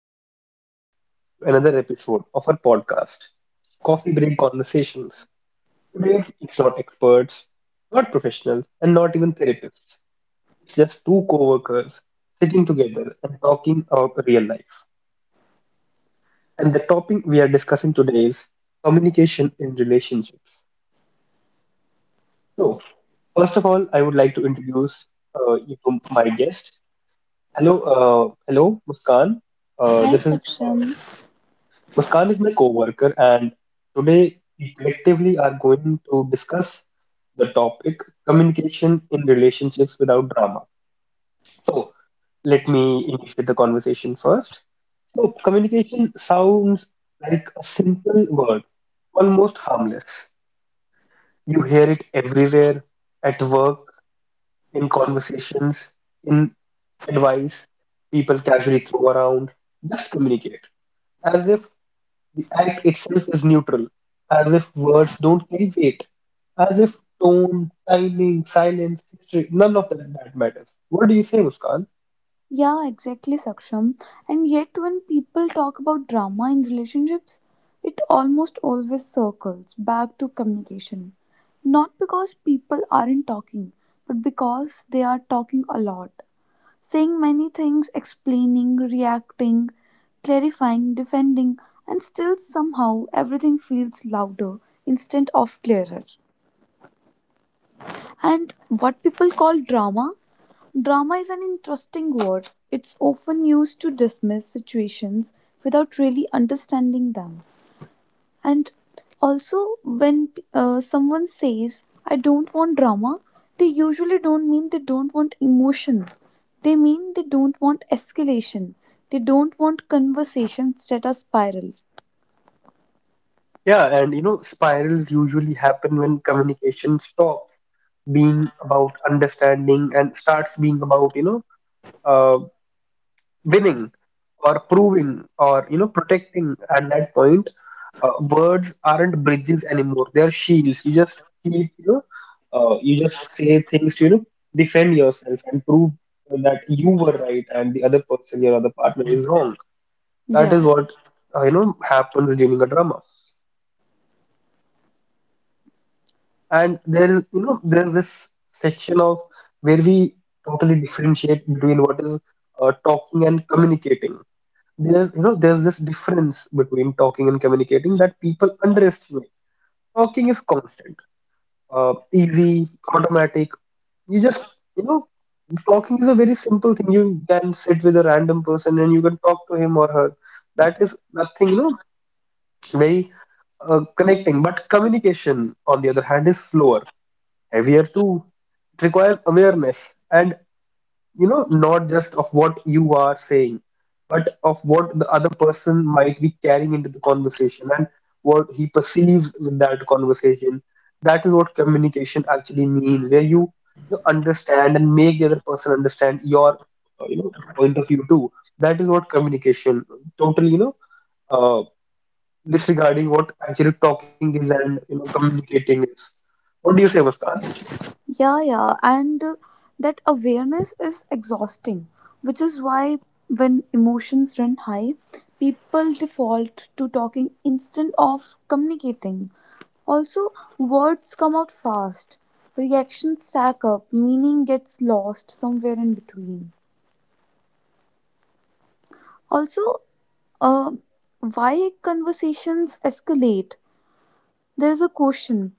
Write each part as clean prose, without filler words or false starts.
Welcome back to another episode of our podcast, Coffee Break Conversations. Today, it's not experts, not professionals, and not even therapists. It's just two co workers sitting together and talking about real life. And the topic we are discussing today is communication in relationships. So, first of all, I would like to introduce you to my guest. Hello, Muskan. Hi This is Saksham. Muskan is my coworker, and today we collectively are going to discuss the topic communication in relationships without drama. So let me initiate the conversation first. So communication sounds like a simple word, almost harmless. You hear it everywhere, at work, in conversations, in advice people casually throw around. Just communicate, as if the act itself is neutral, as if words don't carry weight, as if tone, timing, silence, history, none of that matters. What do you say, Muskan? Yeah, exactly Saksham. And yet when people talk about drama in relationships, it almost always circles back to communication. Not because people aren't talking, but because they are talking a lot. Saying many things, explaining, reacting, clarifying, defending, and still somehow everything feels louder instead of clearer. And what people call drama? Drama is an interesting word. It's often used to dismiss situations without really understanding them. And also, when someone says, I don't want drama, they usually don't mean they don't want emotion. They mean they don't want escalation. They don't want conversations that are spiral. Yeah, and you know, spirals usually happen when communication stops being about understanding and starts being about, know, winning or proving, or protecting. At that point, words aren't bridges anymore, they're shields. You just keep you know uh, you just say things to defend yourself and prove that you were right and the other person your other partner is wrong. That Yeah. is what happens during a drama. And there is you know there's this section of where we totally differentiate between what is talking and communicating. There's this difference between talking and communicating that people underestimate. Talking is constant, easy, automatic. You just, you know, Talking is a very simple thing. You can sit with a random person and you can talk to him or her. That is nothing, very connecting. But communication, on the other hand, is slower, heavier too. It requires awareness, and not just of what you are saying, but of what the other person might be carrying into the conversation and what he perceives with that conversation. That is what communication actually means, where you understand and make the other person understand your point of view too. That is what communication totally, uh, disregarding what actually talking is and communicating is. What do you say, Muskan? Yeah, yeah, and that awareness is exhausting, which is why when emotions run high, people default to talking instead of communicating. Also, words come out fast, reactions stack up, meaning gets lost somewhere in between. Also, uh, why conversations escalate? There's a question.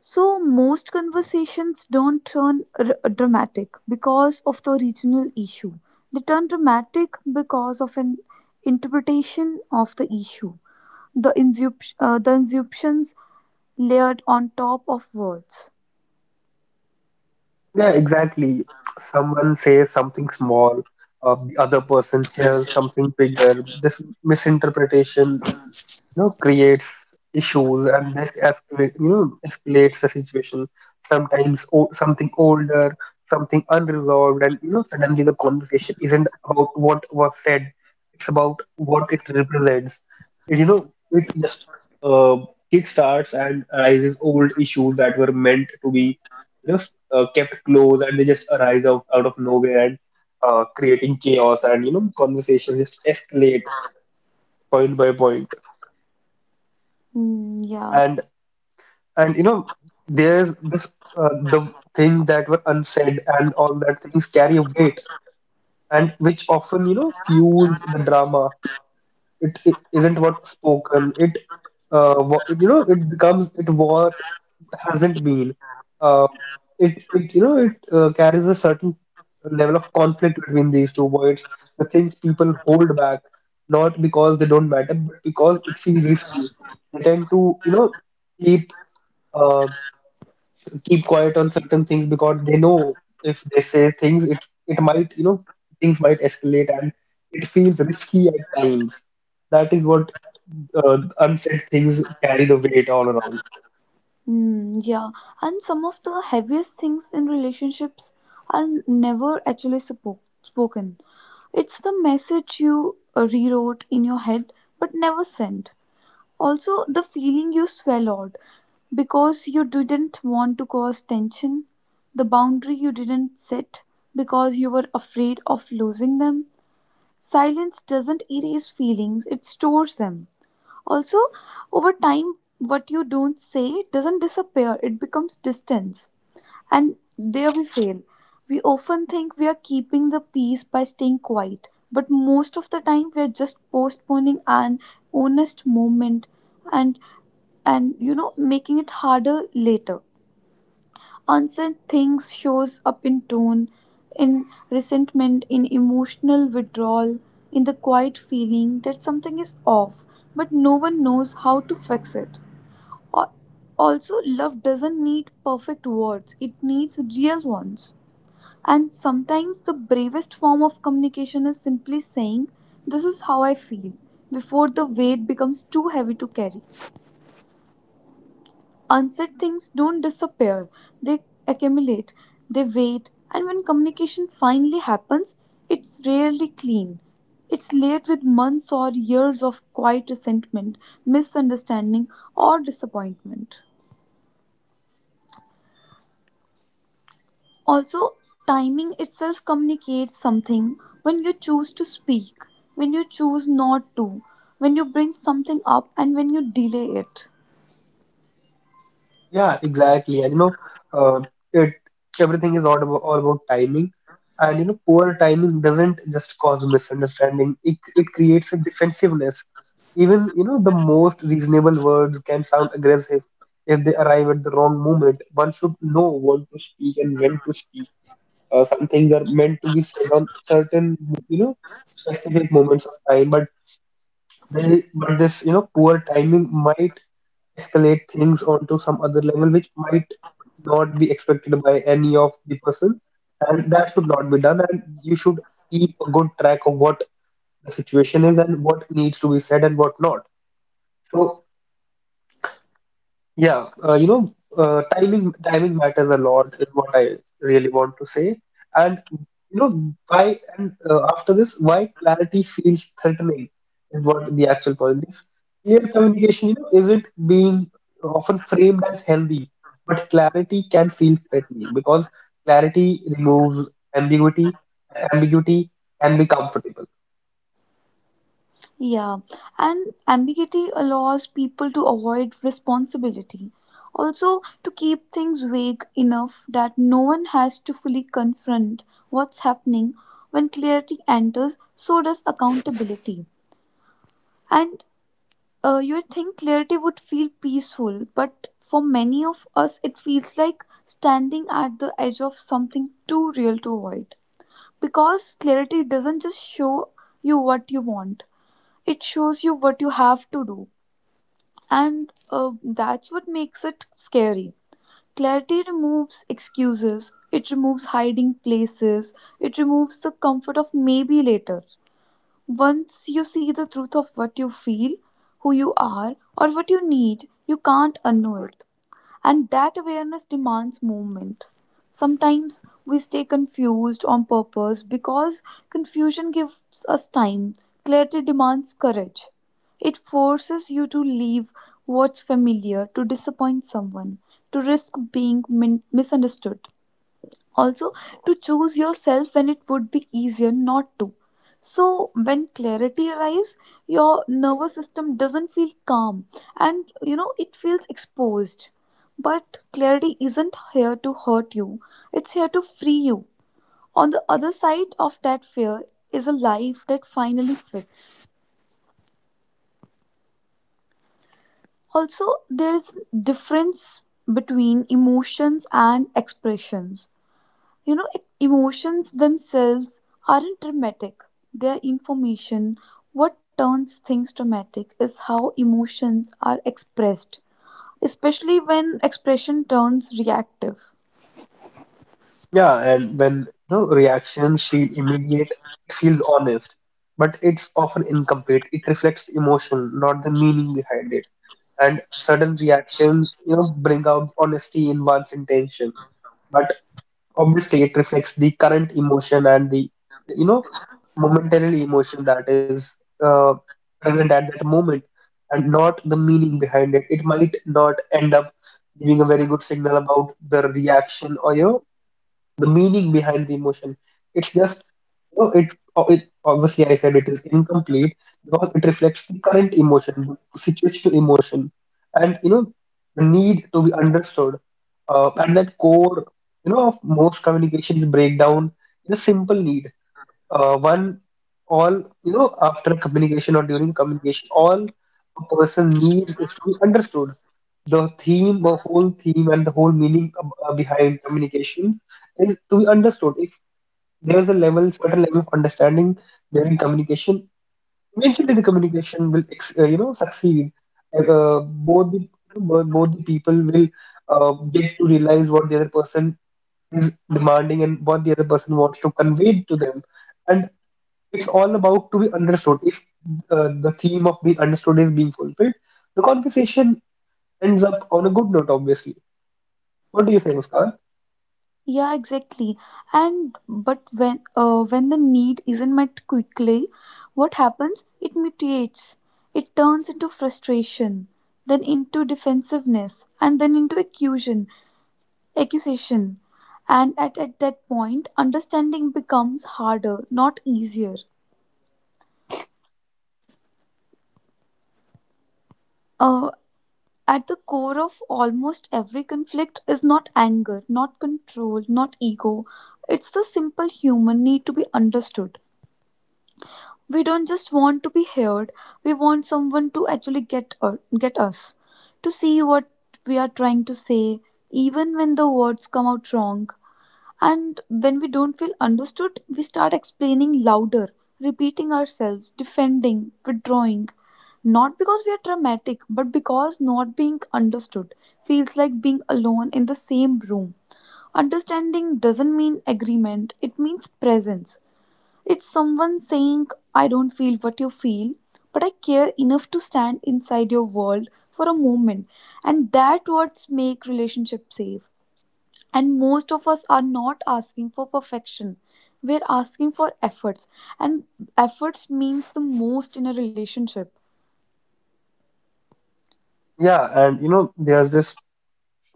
So most conversations don't turn dramatic because of the regional issue. They turn dramatic because of an interpretation of the issue. The inscriptions layered on top of words. Yeah, exactly. Someone says something small, the other person hears something bigger. This misinterpretation, creates issues, and this escalates the situation. Sometimes something older, something unresolved, and suddenly the conversation isn't about what was said, it's about what it represents. It, you know it just uh, kickstarts and arises old issues that were meant to be you know kept close, and they just arise out of nowhere, and creating chaos, and conversations just escalate point by point. Mm, yeah, And and there's this uh, the things that were unsaid, and all that things carry a weight, and which often fuels the drama. It isn't what spoken, it what, you know it becomes it what hasn't been uh, it it you know it carries a certain level of conflict between these two words. The things people hold back, not because they don't matter, but because it feels risky. They tend to keep uh quiet on certain things because they know if they say things, it might, you know, things might escalate and it feels risky at times. That is what unsaid things carry the weight all around. mm, yeah. And some of the heaviest things in relationships are never actually spoken. It's the message you rewrote in your head but never sent. Also, the feeling you swallowed because you didn't want to cause tension, the boundary you didn't set because you were afraid of losing them. Silence doesn't erase feelings, it stores them. Also, over time, what you don't say doesn't disappear, it becomes distance. And there we fail. We often think we are keeping the peace by staying quiet, but most of the time we are just postponing an honest moment, and and you know, making it harder later. Unsaid things shows up in tone, in resentment, in emotional withdrawal, in the quiet feeling that something is off but no one knows how to fix it. Al- Also, love doesn't need perfect words, it needs real ones, and sometimes the bravest form of communication is simply saying, this is how I feel, before the weight becomes too heavy to carry. Unsaid things don't disappear, they accumulate, they wait, and when communication finally happens, it's rarely clean. It's layered with months or years of quiet resentment, misunderstanding, or disappointment. Also, timing itself communicates something: when you choose to speak, when you choose not to, when you bring something up, and when you delay it. Yeah, exactly. And you know, uh, it everything is all about timing. And, poor timing doesn't just cause misunderstanding. It creates a defensiveness. Even, the most reasonable words can sound aggressive if they arrive at the wrong moment. One should know what to speak and when to speak. Some things are meant to be said on certain, you know, specific moments of time, but this poor timing might escalate things onto some other level, which might not be expected by any of the person, and that should not be done. And you should keep a good track of what the situation is and what needs to be said and what not. So yeah, timing matters a lot is what I really want to say. And you know, why and after this, why clarity feels threatening is what the actual point is. Clear communication, isn't being often framed as healthy, but clarity can feel threatening because clarity removes ambiguity. Ambiguity can be comfortable. Yeah, and ambiguity allows people to avoid responsibility. Also, to keep things vague enough that no one has to fully confront what's happening. When clarity enters, so does accountability. And you would think clarity would feel peaceful, but for many of us, it feels like standing at the edge of something too real to avoid. Because clarity doesn't just show you what you want, it shows you what you have to do, and that's what makes it scary. Clarity removes excuses, it removes hiding places, it removes the comfort of maybe later. Once you see the truth of what you feel, who you are, or what you need, you can't unknow it, and that awareness demands movement. Sometimes we stay confused on purpose because confusion gives us time. Clarity demands courage. It forces you to leave what's familiar, to disappoint someone, to risk being misunderstood, also to choose yourself when it would be easier not to. So, when clarity arrives, your nervous system doesn't feel calm, and you know, it feels exposed. But clarity isn't here to hurt you, it's here to free you. On the other side of that fear is a life that finally fits. Also, there is difference between emotions and expressions. You know, emotions themselves aren't dramatic, they're information. What turns things dramatic is how emotions are expressed, especially when expression turns reactive. Yeah, and when reactions feel immediate, it feels honest, but it's often incomplete. It reflects emotion, not the meaning behind it. And sudden reactions, bring out honesty in one's intention, but obviously it reflects the current emotion, and the, you know, momentarily emotion that is uh, present at that moment, and not the meaning behind it. It might not end up giving a very good signal about the reaction, or the meaning behind the emotion. It's just, you know, it, it obviously, I said, it is incomplete because it reflects the current emotion, the situational emotion, and, the need to be understood. And that core, of most communications breakdown is a simple need. One all you know After communication or during communication, all a person needs is to be understood. The whole theme and the whole meaning behind communication is to be understood. If there's a level certain level of understanding during communication, eventually the communication will succeed. uh, Both the people will get to realize what the other person is demanding and what the other person wants to convey to them, and it's all about to be understood. If, the theme of being understood is being fulfilled, the conversation ends up on a good note, obviously. What do you think, Muskan? Yeah, exactly. And but when the need isn't met quickly, what happens? It mutates. It turns into frustration, then into defensiveness, and then into accusation. Accusation, and at that point, understanding becomes harder, not easier. Uh, at the core of almost every conflict is not anger, not control, not ego. It's the simple human need to be understood. We don't just want to be heard, we want someone to actually get, get us, to see what we are trying to say, even when the words come out wrong. And when we don't feel understood, we start explaining louder, repeating ourselves, defending, withdrawing. Not because we are dramatic, but because not being understood feels like being alone in the same room. Understanding doesn't mean agreement, it means presence. It's someone saying, I don't feel what you feel, but I care enough to stand inside your world for a moment. And that words make relationships safe, and most of us are not asking for perfection. We're asking for efforts. And efforts means the most in a relationship. Yeah, and there's this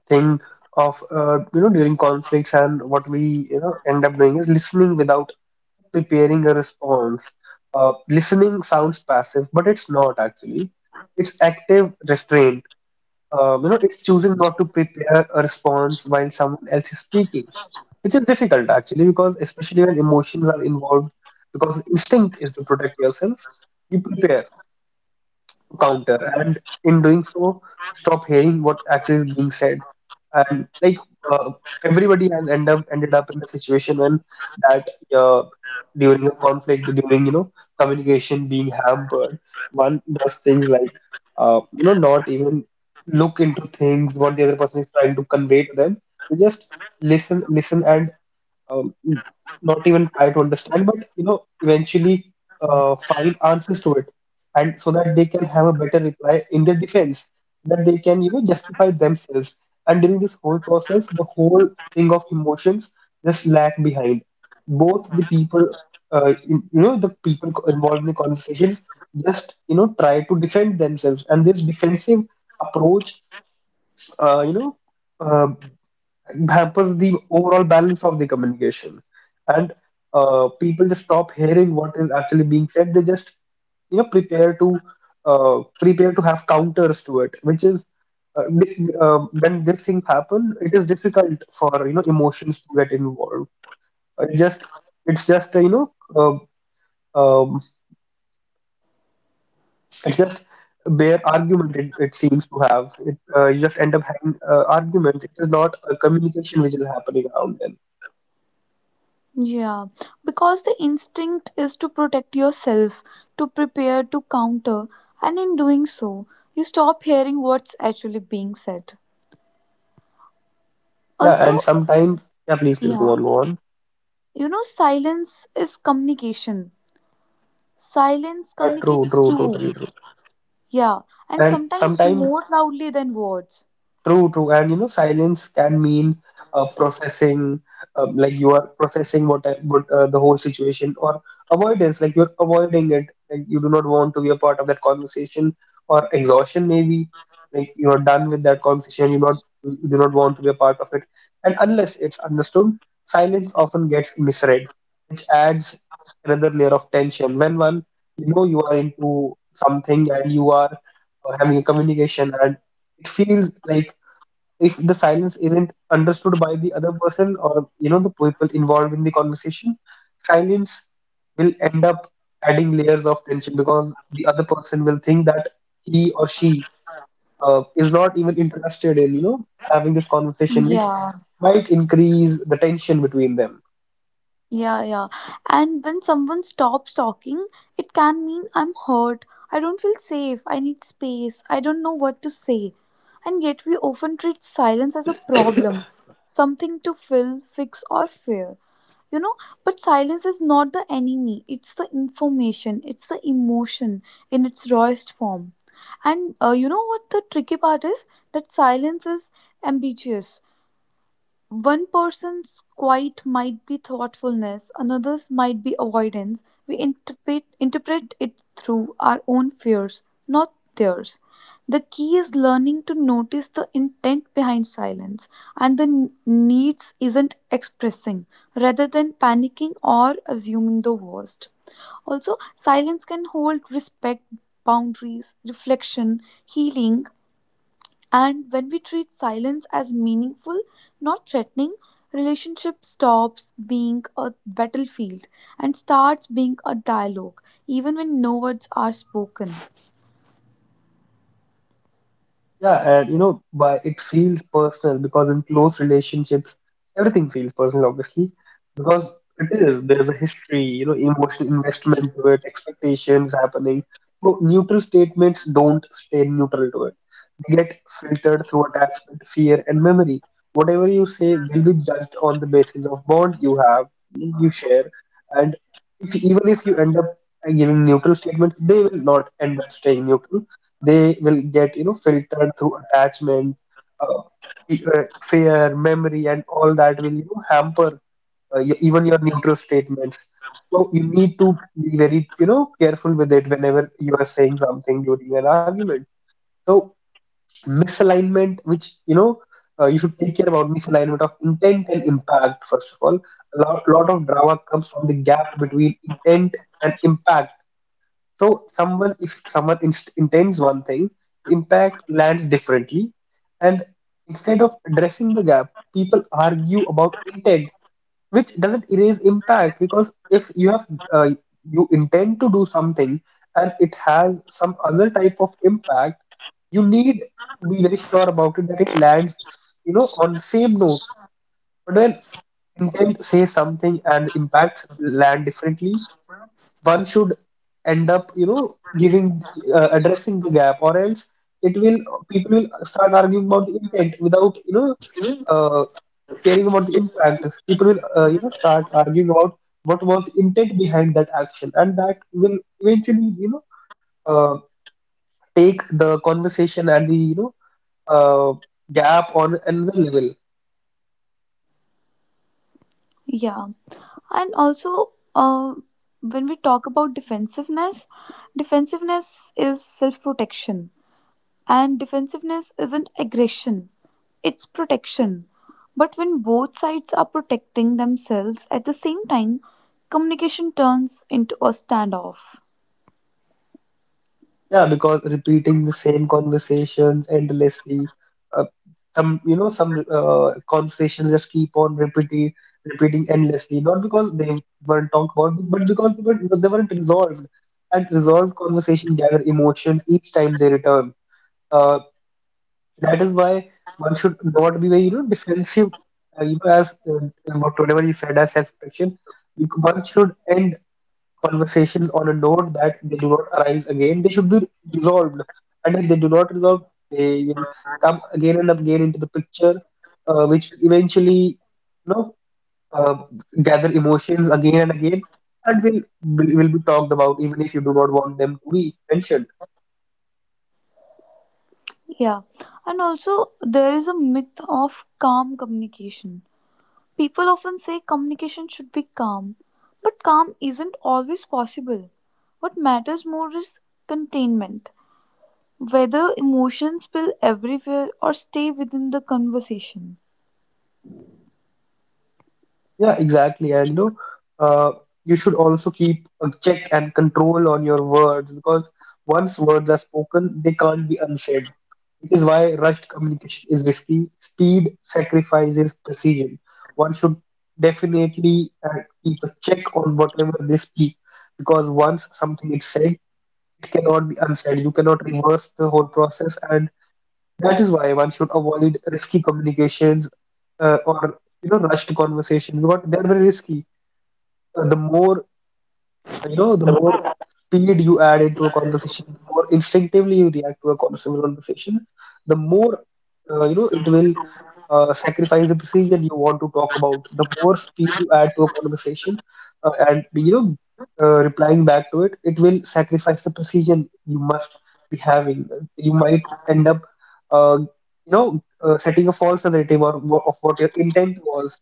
thing of, during conflicts, and what we, end up doing is listening without preparing a response. Listening sounds passive, but it's not actually. It's active restraint. It's choosing not to prepare a response while someone else is speaking, which is difficult actually, because especially when emotions are involved, because instinct is to protect yourself. You prepare to counter, and in doing so, you stop hearing what actually is being said. And like, uh, everybody has ended up in a situation when that uh, during a conflict, during you know communication being hampered, one does things like, not even look into things what the other person is trying to convey to them. They just listen and, um, not even try to understand, but, eventually, find answers to it, and so that they can have a better reply in their defense, that they can, justify themselves. And during this whole process, the whole thing of emotions just lag behind. Both the people, in, you know, the people co- involved in the conversations, just, try to defend themselves, and this defensive approach, uh, you know. uh, hampers the overall balance of the communication, and, people just stop hearing what is actually being said. They just, you know prepare to prepare to have counters to it, which is, uh, di- uh, when these things happen, it is difficult for, emotions to get involved. It just it's just you know uh, um, it's just a bare argument. It seems to have it, You just end up having arguments. It is not a communication which is happening around them. Yeah, because the instinct is to protect yourself, to prepare, to counter, and in doing so, you stop hearing what's actually being said. Yeah, and Also, sometimes, yeah, please, please go yeah, on, go on. you know, silence is communication. Silence Yeah, true, communicates true, too. totally true. Yeah, and And sometimes sometimes more loudly than words. True, true. And, silence can mean, processing, like you are processing what, the whole situation, or avoidance, like you're avoiding it, like you do not want to be a part of that conversation, or exhaustion maybe, like you are done with that conversation, you do not want to be a part of it. And unless it's understood, silence often gets misread, which adds another layer of tension. When one, you are into something and you are having a communication and it feels like if the silence isn't understood by the other person or the people involved in the conversation, silence will end up adding layers of tension because the other person will think that he or she is not even interested in having this conversation, which Yeah. might increase the tension between them. Yeah, yeah. And when someone stops talking, it can mean I'm hurt, I don't feel safe, I need space, I don't know what to say. And yet, we often treat silence as a problem, something to fill, fix, or fear. You know, but silence is not the enemy, it's the information, it's the emotion in its rawest form. And you know what the tricky part is? That silence is ambiguous. One person's quiet might be thoughtfulness, another's might be avoidance. We interpret it through our own fears, not theirs. The key is learning to notice the intent behind silence and the needs isn't expressing rather than panicking or assuming the worst. Also, silence can hold respect, boundaries, reflection, healing, and when we treat silence as meaningful, not threatening, relationship stops being a battlefield and starts being a dialogue, even when no words are spoken. Yeah, and you know, why it feels personal? Because in close relationships, everything feels personal, obviously, because it is. There's a history, you know, emotional investment to it, expectations happening. So neutral statements don't stay neutral to it. They get filtered through attachment, fear, and memory. Whatever you say will be judged on the basis of bond you have, you share, and if, even if you end up giving neutral statements, they will not end up staying neutral. They will get filtered through attachment, uh, fear memory, and all that will hamper even your neutral statements. So you need to be very careful with it whenever you are saying something during an argument. So misalignment, which you should take care about misalignment of intent and impact. First of all, a lot of drama comes from the gap between intent and impact. So someone, if someone inst intends one thing, impact lands differently, and instead of addressing the gap, people argue about intent, which doesn't erase impact. Because if you have uh, you intend to do something and it has some other type of impact, you need to be very sure about it that it lands, you know, on the same note. But when intent says something and impact land differently, one should end up giving addressing the gap, or else it will, people will start arguing about the intent without uh, caring about the impact. People will you know, start arguing about what was the intent behind that action, and that will eventually uh, take the conversation and the uh, gap on another level. Yeah. And also, when we talk about defensiveness, defensiveness is self protection. And defensiveness isn't aggression, it's protection. But when both sides are protecting themselves at the same time, communication turns into a standoff. Yeah, because repeating the same conversations endlessly, uh, some some conversations just keep on repeating, endlessly. Not because they weren't talked about, but because they weren't resolved. And resolved conversations gather emotions each time they return. Uh, that is why one should not be very defensive. You know, as what whatever you said as self-protection, one should end conversation on a note that they do not arise again. They should be resolved, and if they do not resolve, they will come again and again into the picture, which will eventually, you know, uh, gather emotions again and again, and will be talked about even if you do not want them to be mentioned. Yeah, and also there is a myth of calm communication. People often say communication should be calm, but calm isn't always possible. What matters more is containment, whether emotions spill everywhere or stay within the conversation. Yeah, exactly. And you know, uh, you should also keep a check and control on your words, because once words are spoken, they can't be unsaid. Which is why rushed communication is risky. Speed sacrifices precision. One should definitely keep a check on whatever they speak, because once something is said, it cannot be unsaid. You cannot reverse the whole process, and that is why one should avoid risky communications, or you know, rushed conversations, because they're very risky. Uh, the more the more speed you add into a conversation, the more instinctively you react to a conversation, the more you know, it will sacrifice the precision you want to talk about. The more speed you add to a conversation and you know, replying back to it, it will sacrifice the precision you must be having. You might end up setting a false narrative, or of what your intent was,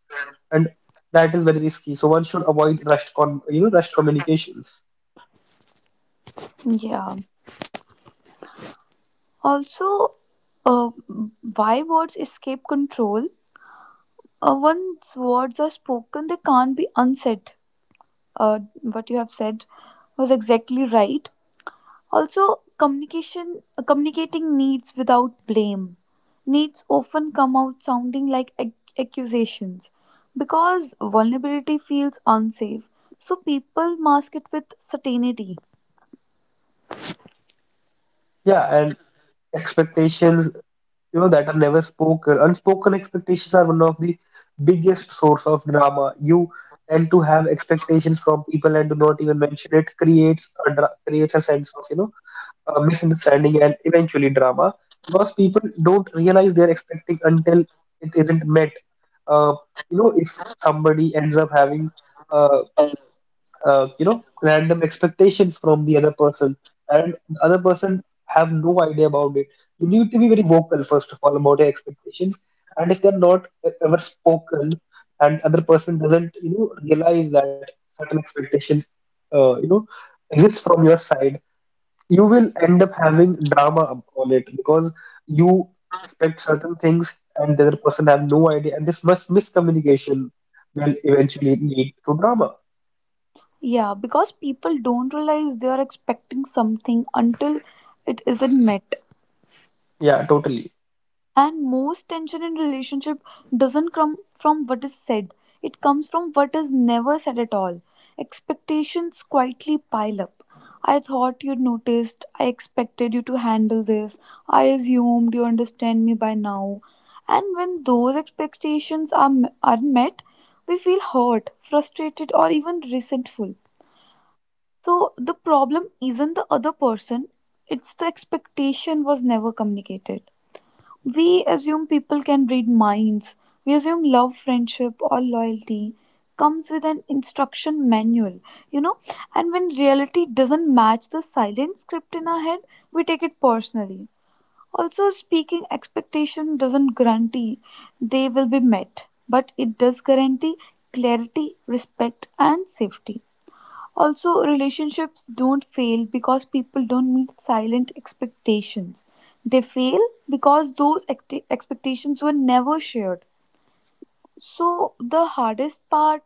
and that is very risky. So one should avoid rushed con you know, rushed communications. Yeah. Also, uh, why words escape control? Once words are spoken, they can't be unsaid. What you have said was exactly right. Also, communication communicating needs without blame. Needs often come out sounding like accusations because vulnerability feels unsafe. So people mask it with certainty. Yeah, and expectations, you know, that are never spoken. Unspoken expectations are one of the biggest source of drama. You tend to have expectations from people and do not even mention it. Creates a creates a sense of misunderstanding and eventually drama, because people don't realize they're expecting until it isn't met. Uh, you know, if somebody ends up having uh, you know, random expectations from the other person, and the other person have no idea about it, you need to be very vocal first of all about your expectations. And if they're not ever spoken, and other person doesn't, you know, realize that certain expectations you know, exist from your side, you will end up having drama on it, because you expect certain things and the other person have no idea, and this miscommunication will eventually lead to drama. Yeah, because people don't realize they are expecting something until it isn't met. Yeah, totally. And most tension in relationship doesn't come from what is said. It comes from what is never said at all. Expectations quietly pile up. I thought you'd noticed. I expected you to handle this. I assumed you understand me by now. And when those expectations aren't met, we feel hurt, frustrated, or even resentful. So the problem isn't the other person, it's the expectation was never communicated. We assume people can read minds. We assume love, friendship, or loyalty comes with an instruction manual, you know. And when reality doesn't match the silent script in our head, we take it personally. Also, speaking expectation doesn't guarantee they will be met, but it does guarantee clarity, respect, and safety. Also, relationships don't fail because people don't meet silent expectations. They fail because those expectations were never shared. So,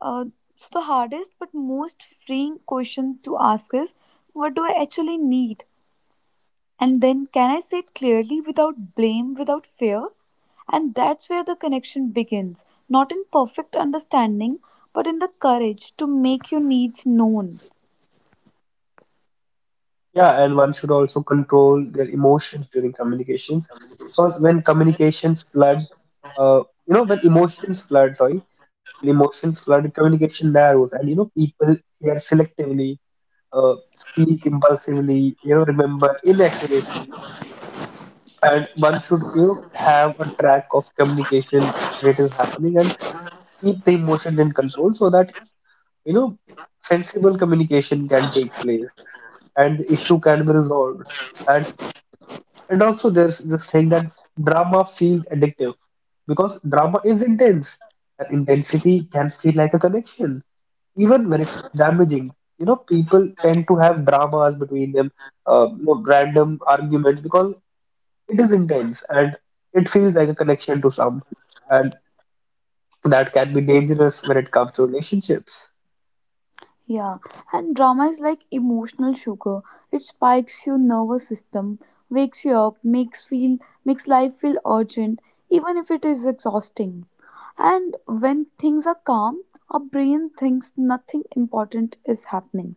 uh, so the hardest but most freeing question to ask is, what do I actually need? And then, can I say it clearly without blame, without fear? And that's where the connection begins, not in perfect understanding, but in the courage to make your needs known. Yeah, and one should also control their emotions during communications, because when communications flood, you know, when emotions flood, sorry, when emotions flood, communication narrows, and you know, people hear selectively, speak impulsively, you know, remember inaccurately, and one should, you know, have a track of communication when it is happening and keep the emotions in control so that, you know, sensible communication can take place and the issue can be resolved. And And also, there's this thing that drama feels addictive, because drama is intense, and intensity can feel like a connection, even when it's damaging. You know, people tend to have dramas between them, you know, random arguments, because it is intense and it feels like a connection to some, and that can be dangerous when it comes to relationships. Yeah, and drama is like emotional sugar. It spikes your nervous system, wakes you up, makes life feel urgent, even if it is exhausting. And when things are calm, our brain thinks nothing important is happening.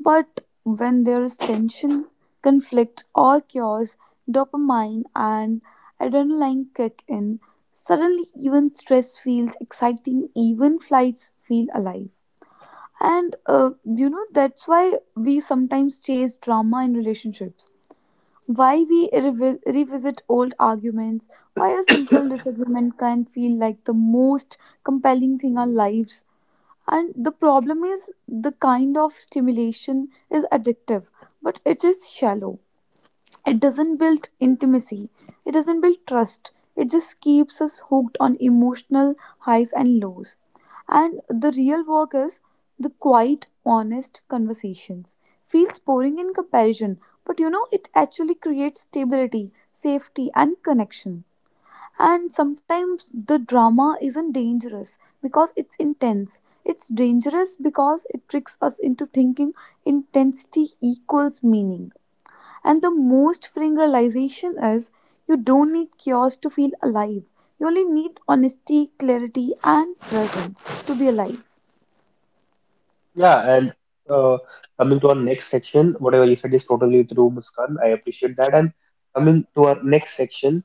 But when there is tension, conflict, or chaos, dopamine and adrenaline kick in. Suddenly, even stress feels exciting, even flights feel alive. And you know, that's why we sometimes chase drama in relationships. Why we revisit old arguments, why a simple disagreement can feel like the most compelling thing in our lives. And the problem is the kind of stimulation is addictive, but it is shallow. It doesn't build intimacy, it doesn't build trust, it just keeps us hooked on emotional highs and lows. And the real work is the quiet, honest conversations. Feels boring in comparison, but you know, it actually creates stability, safety, and connection. And sometimes the drama isn't dangerous because it's intense. It's dangerous because it tricks us into thinking intensity equals meaning. And the most freeing realization is you don't need chaos to feel alive. You only need honesty, clarity, and presence to be alive. Yeah, and uh, coming to our next section, whatever you said is totally true, Muskan. I appreciate that. And coming to our next section,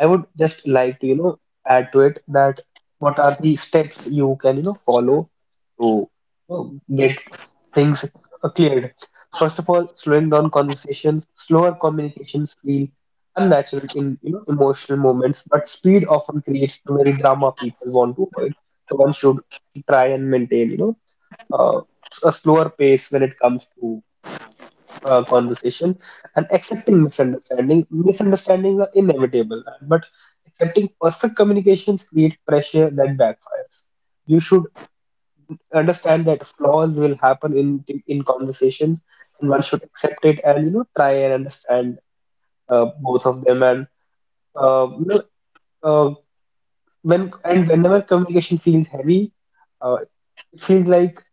I would just like to, you know, add to it that what are the steps you can, you know, follow to you get things cleared. First of all, slowing down conversations. Slower communications feel unnatural in, you know, emotional moments, but speed often creates the very drama people want to avoid. So one should try and maintain, you know, uh, a slower pace when it comes to conversation. And accepting misunderstanding. Misunderstandings are inevitable, but accepting perfect communications create pressure that backfires. You should understand that flaws will happen in conversations, and one should accept it and you know, try and understand both of them. And uh, you know uh, when and whenever communication feels heavy, uh, it feels like,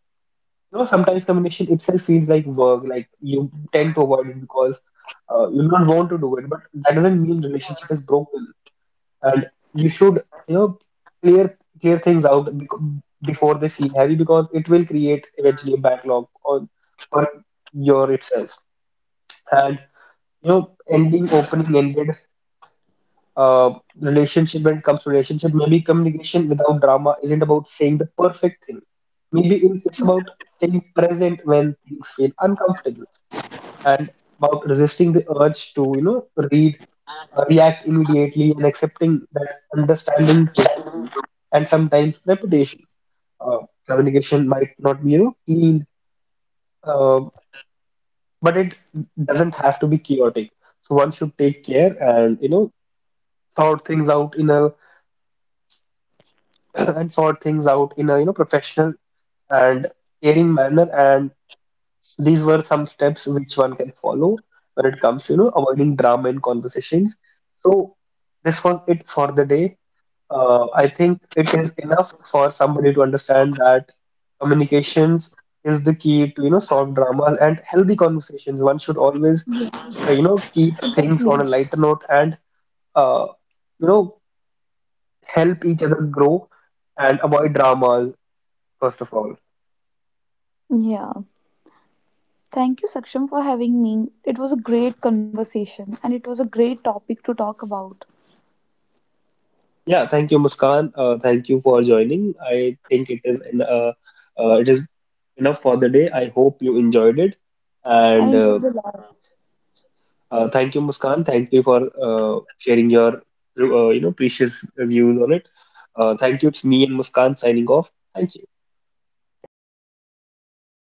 you know, sometimes communication itself feels like work, like you tend to avoid it because you don't want to do it, but that doesn't mean relationship is broken. And you should, you know, clear things out before they feel heavy, because it will create eventually a backlog on for your itself. And you know, ending opening ended uh, relationship, when it comes to relationship, maybe communication without drama isn't about saying the perfect thing. Maybe it's about staying present when things feel uncomfortable, and about resisting the urge to, you know, read react immediately, and accepting that understanding takes time, and sometimes repetition. uh, Communication might not be, you know, clean, uh, but it doesn't have to be chaotic. So one should take care, and you know, sort things out in a and sort things out in a, you know, professional and caring manner. And these were some steps which one can follow when it comes to, you know, avoiding drama in conversations. So this was it for the day. I think it is enough for somebody to understand that communications is the key to, you know, solve dramas. And healthy conversations, one should always Yeah, you know, keep exactly. things on a lighter note, and uh, you know, help each other grow and avoid dramas first of all. Yeah. Thank you, Saksham, for having me. It was a great conversation and it was a great topic to talk about. Yeah, thank you, Muskan. Thank you for joining. I think it is it is enough for the day. I hope you enjoyed it, I and enjoyed a lot. Thank you, Muskan. Thank you for sharing your you know, precious views on it. Thank you. It's me and Muskan signing off. Thank you. Thank you.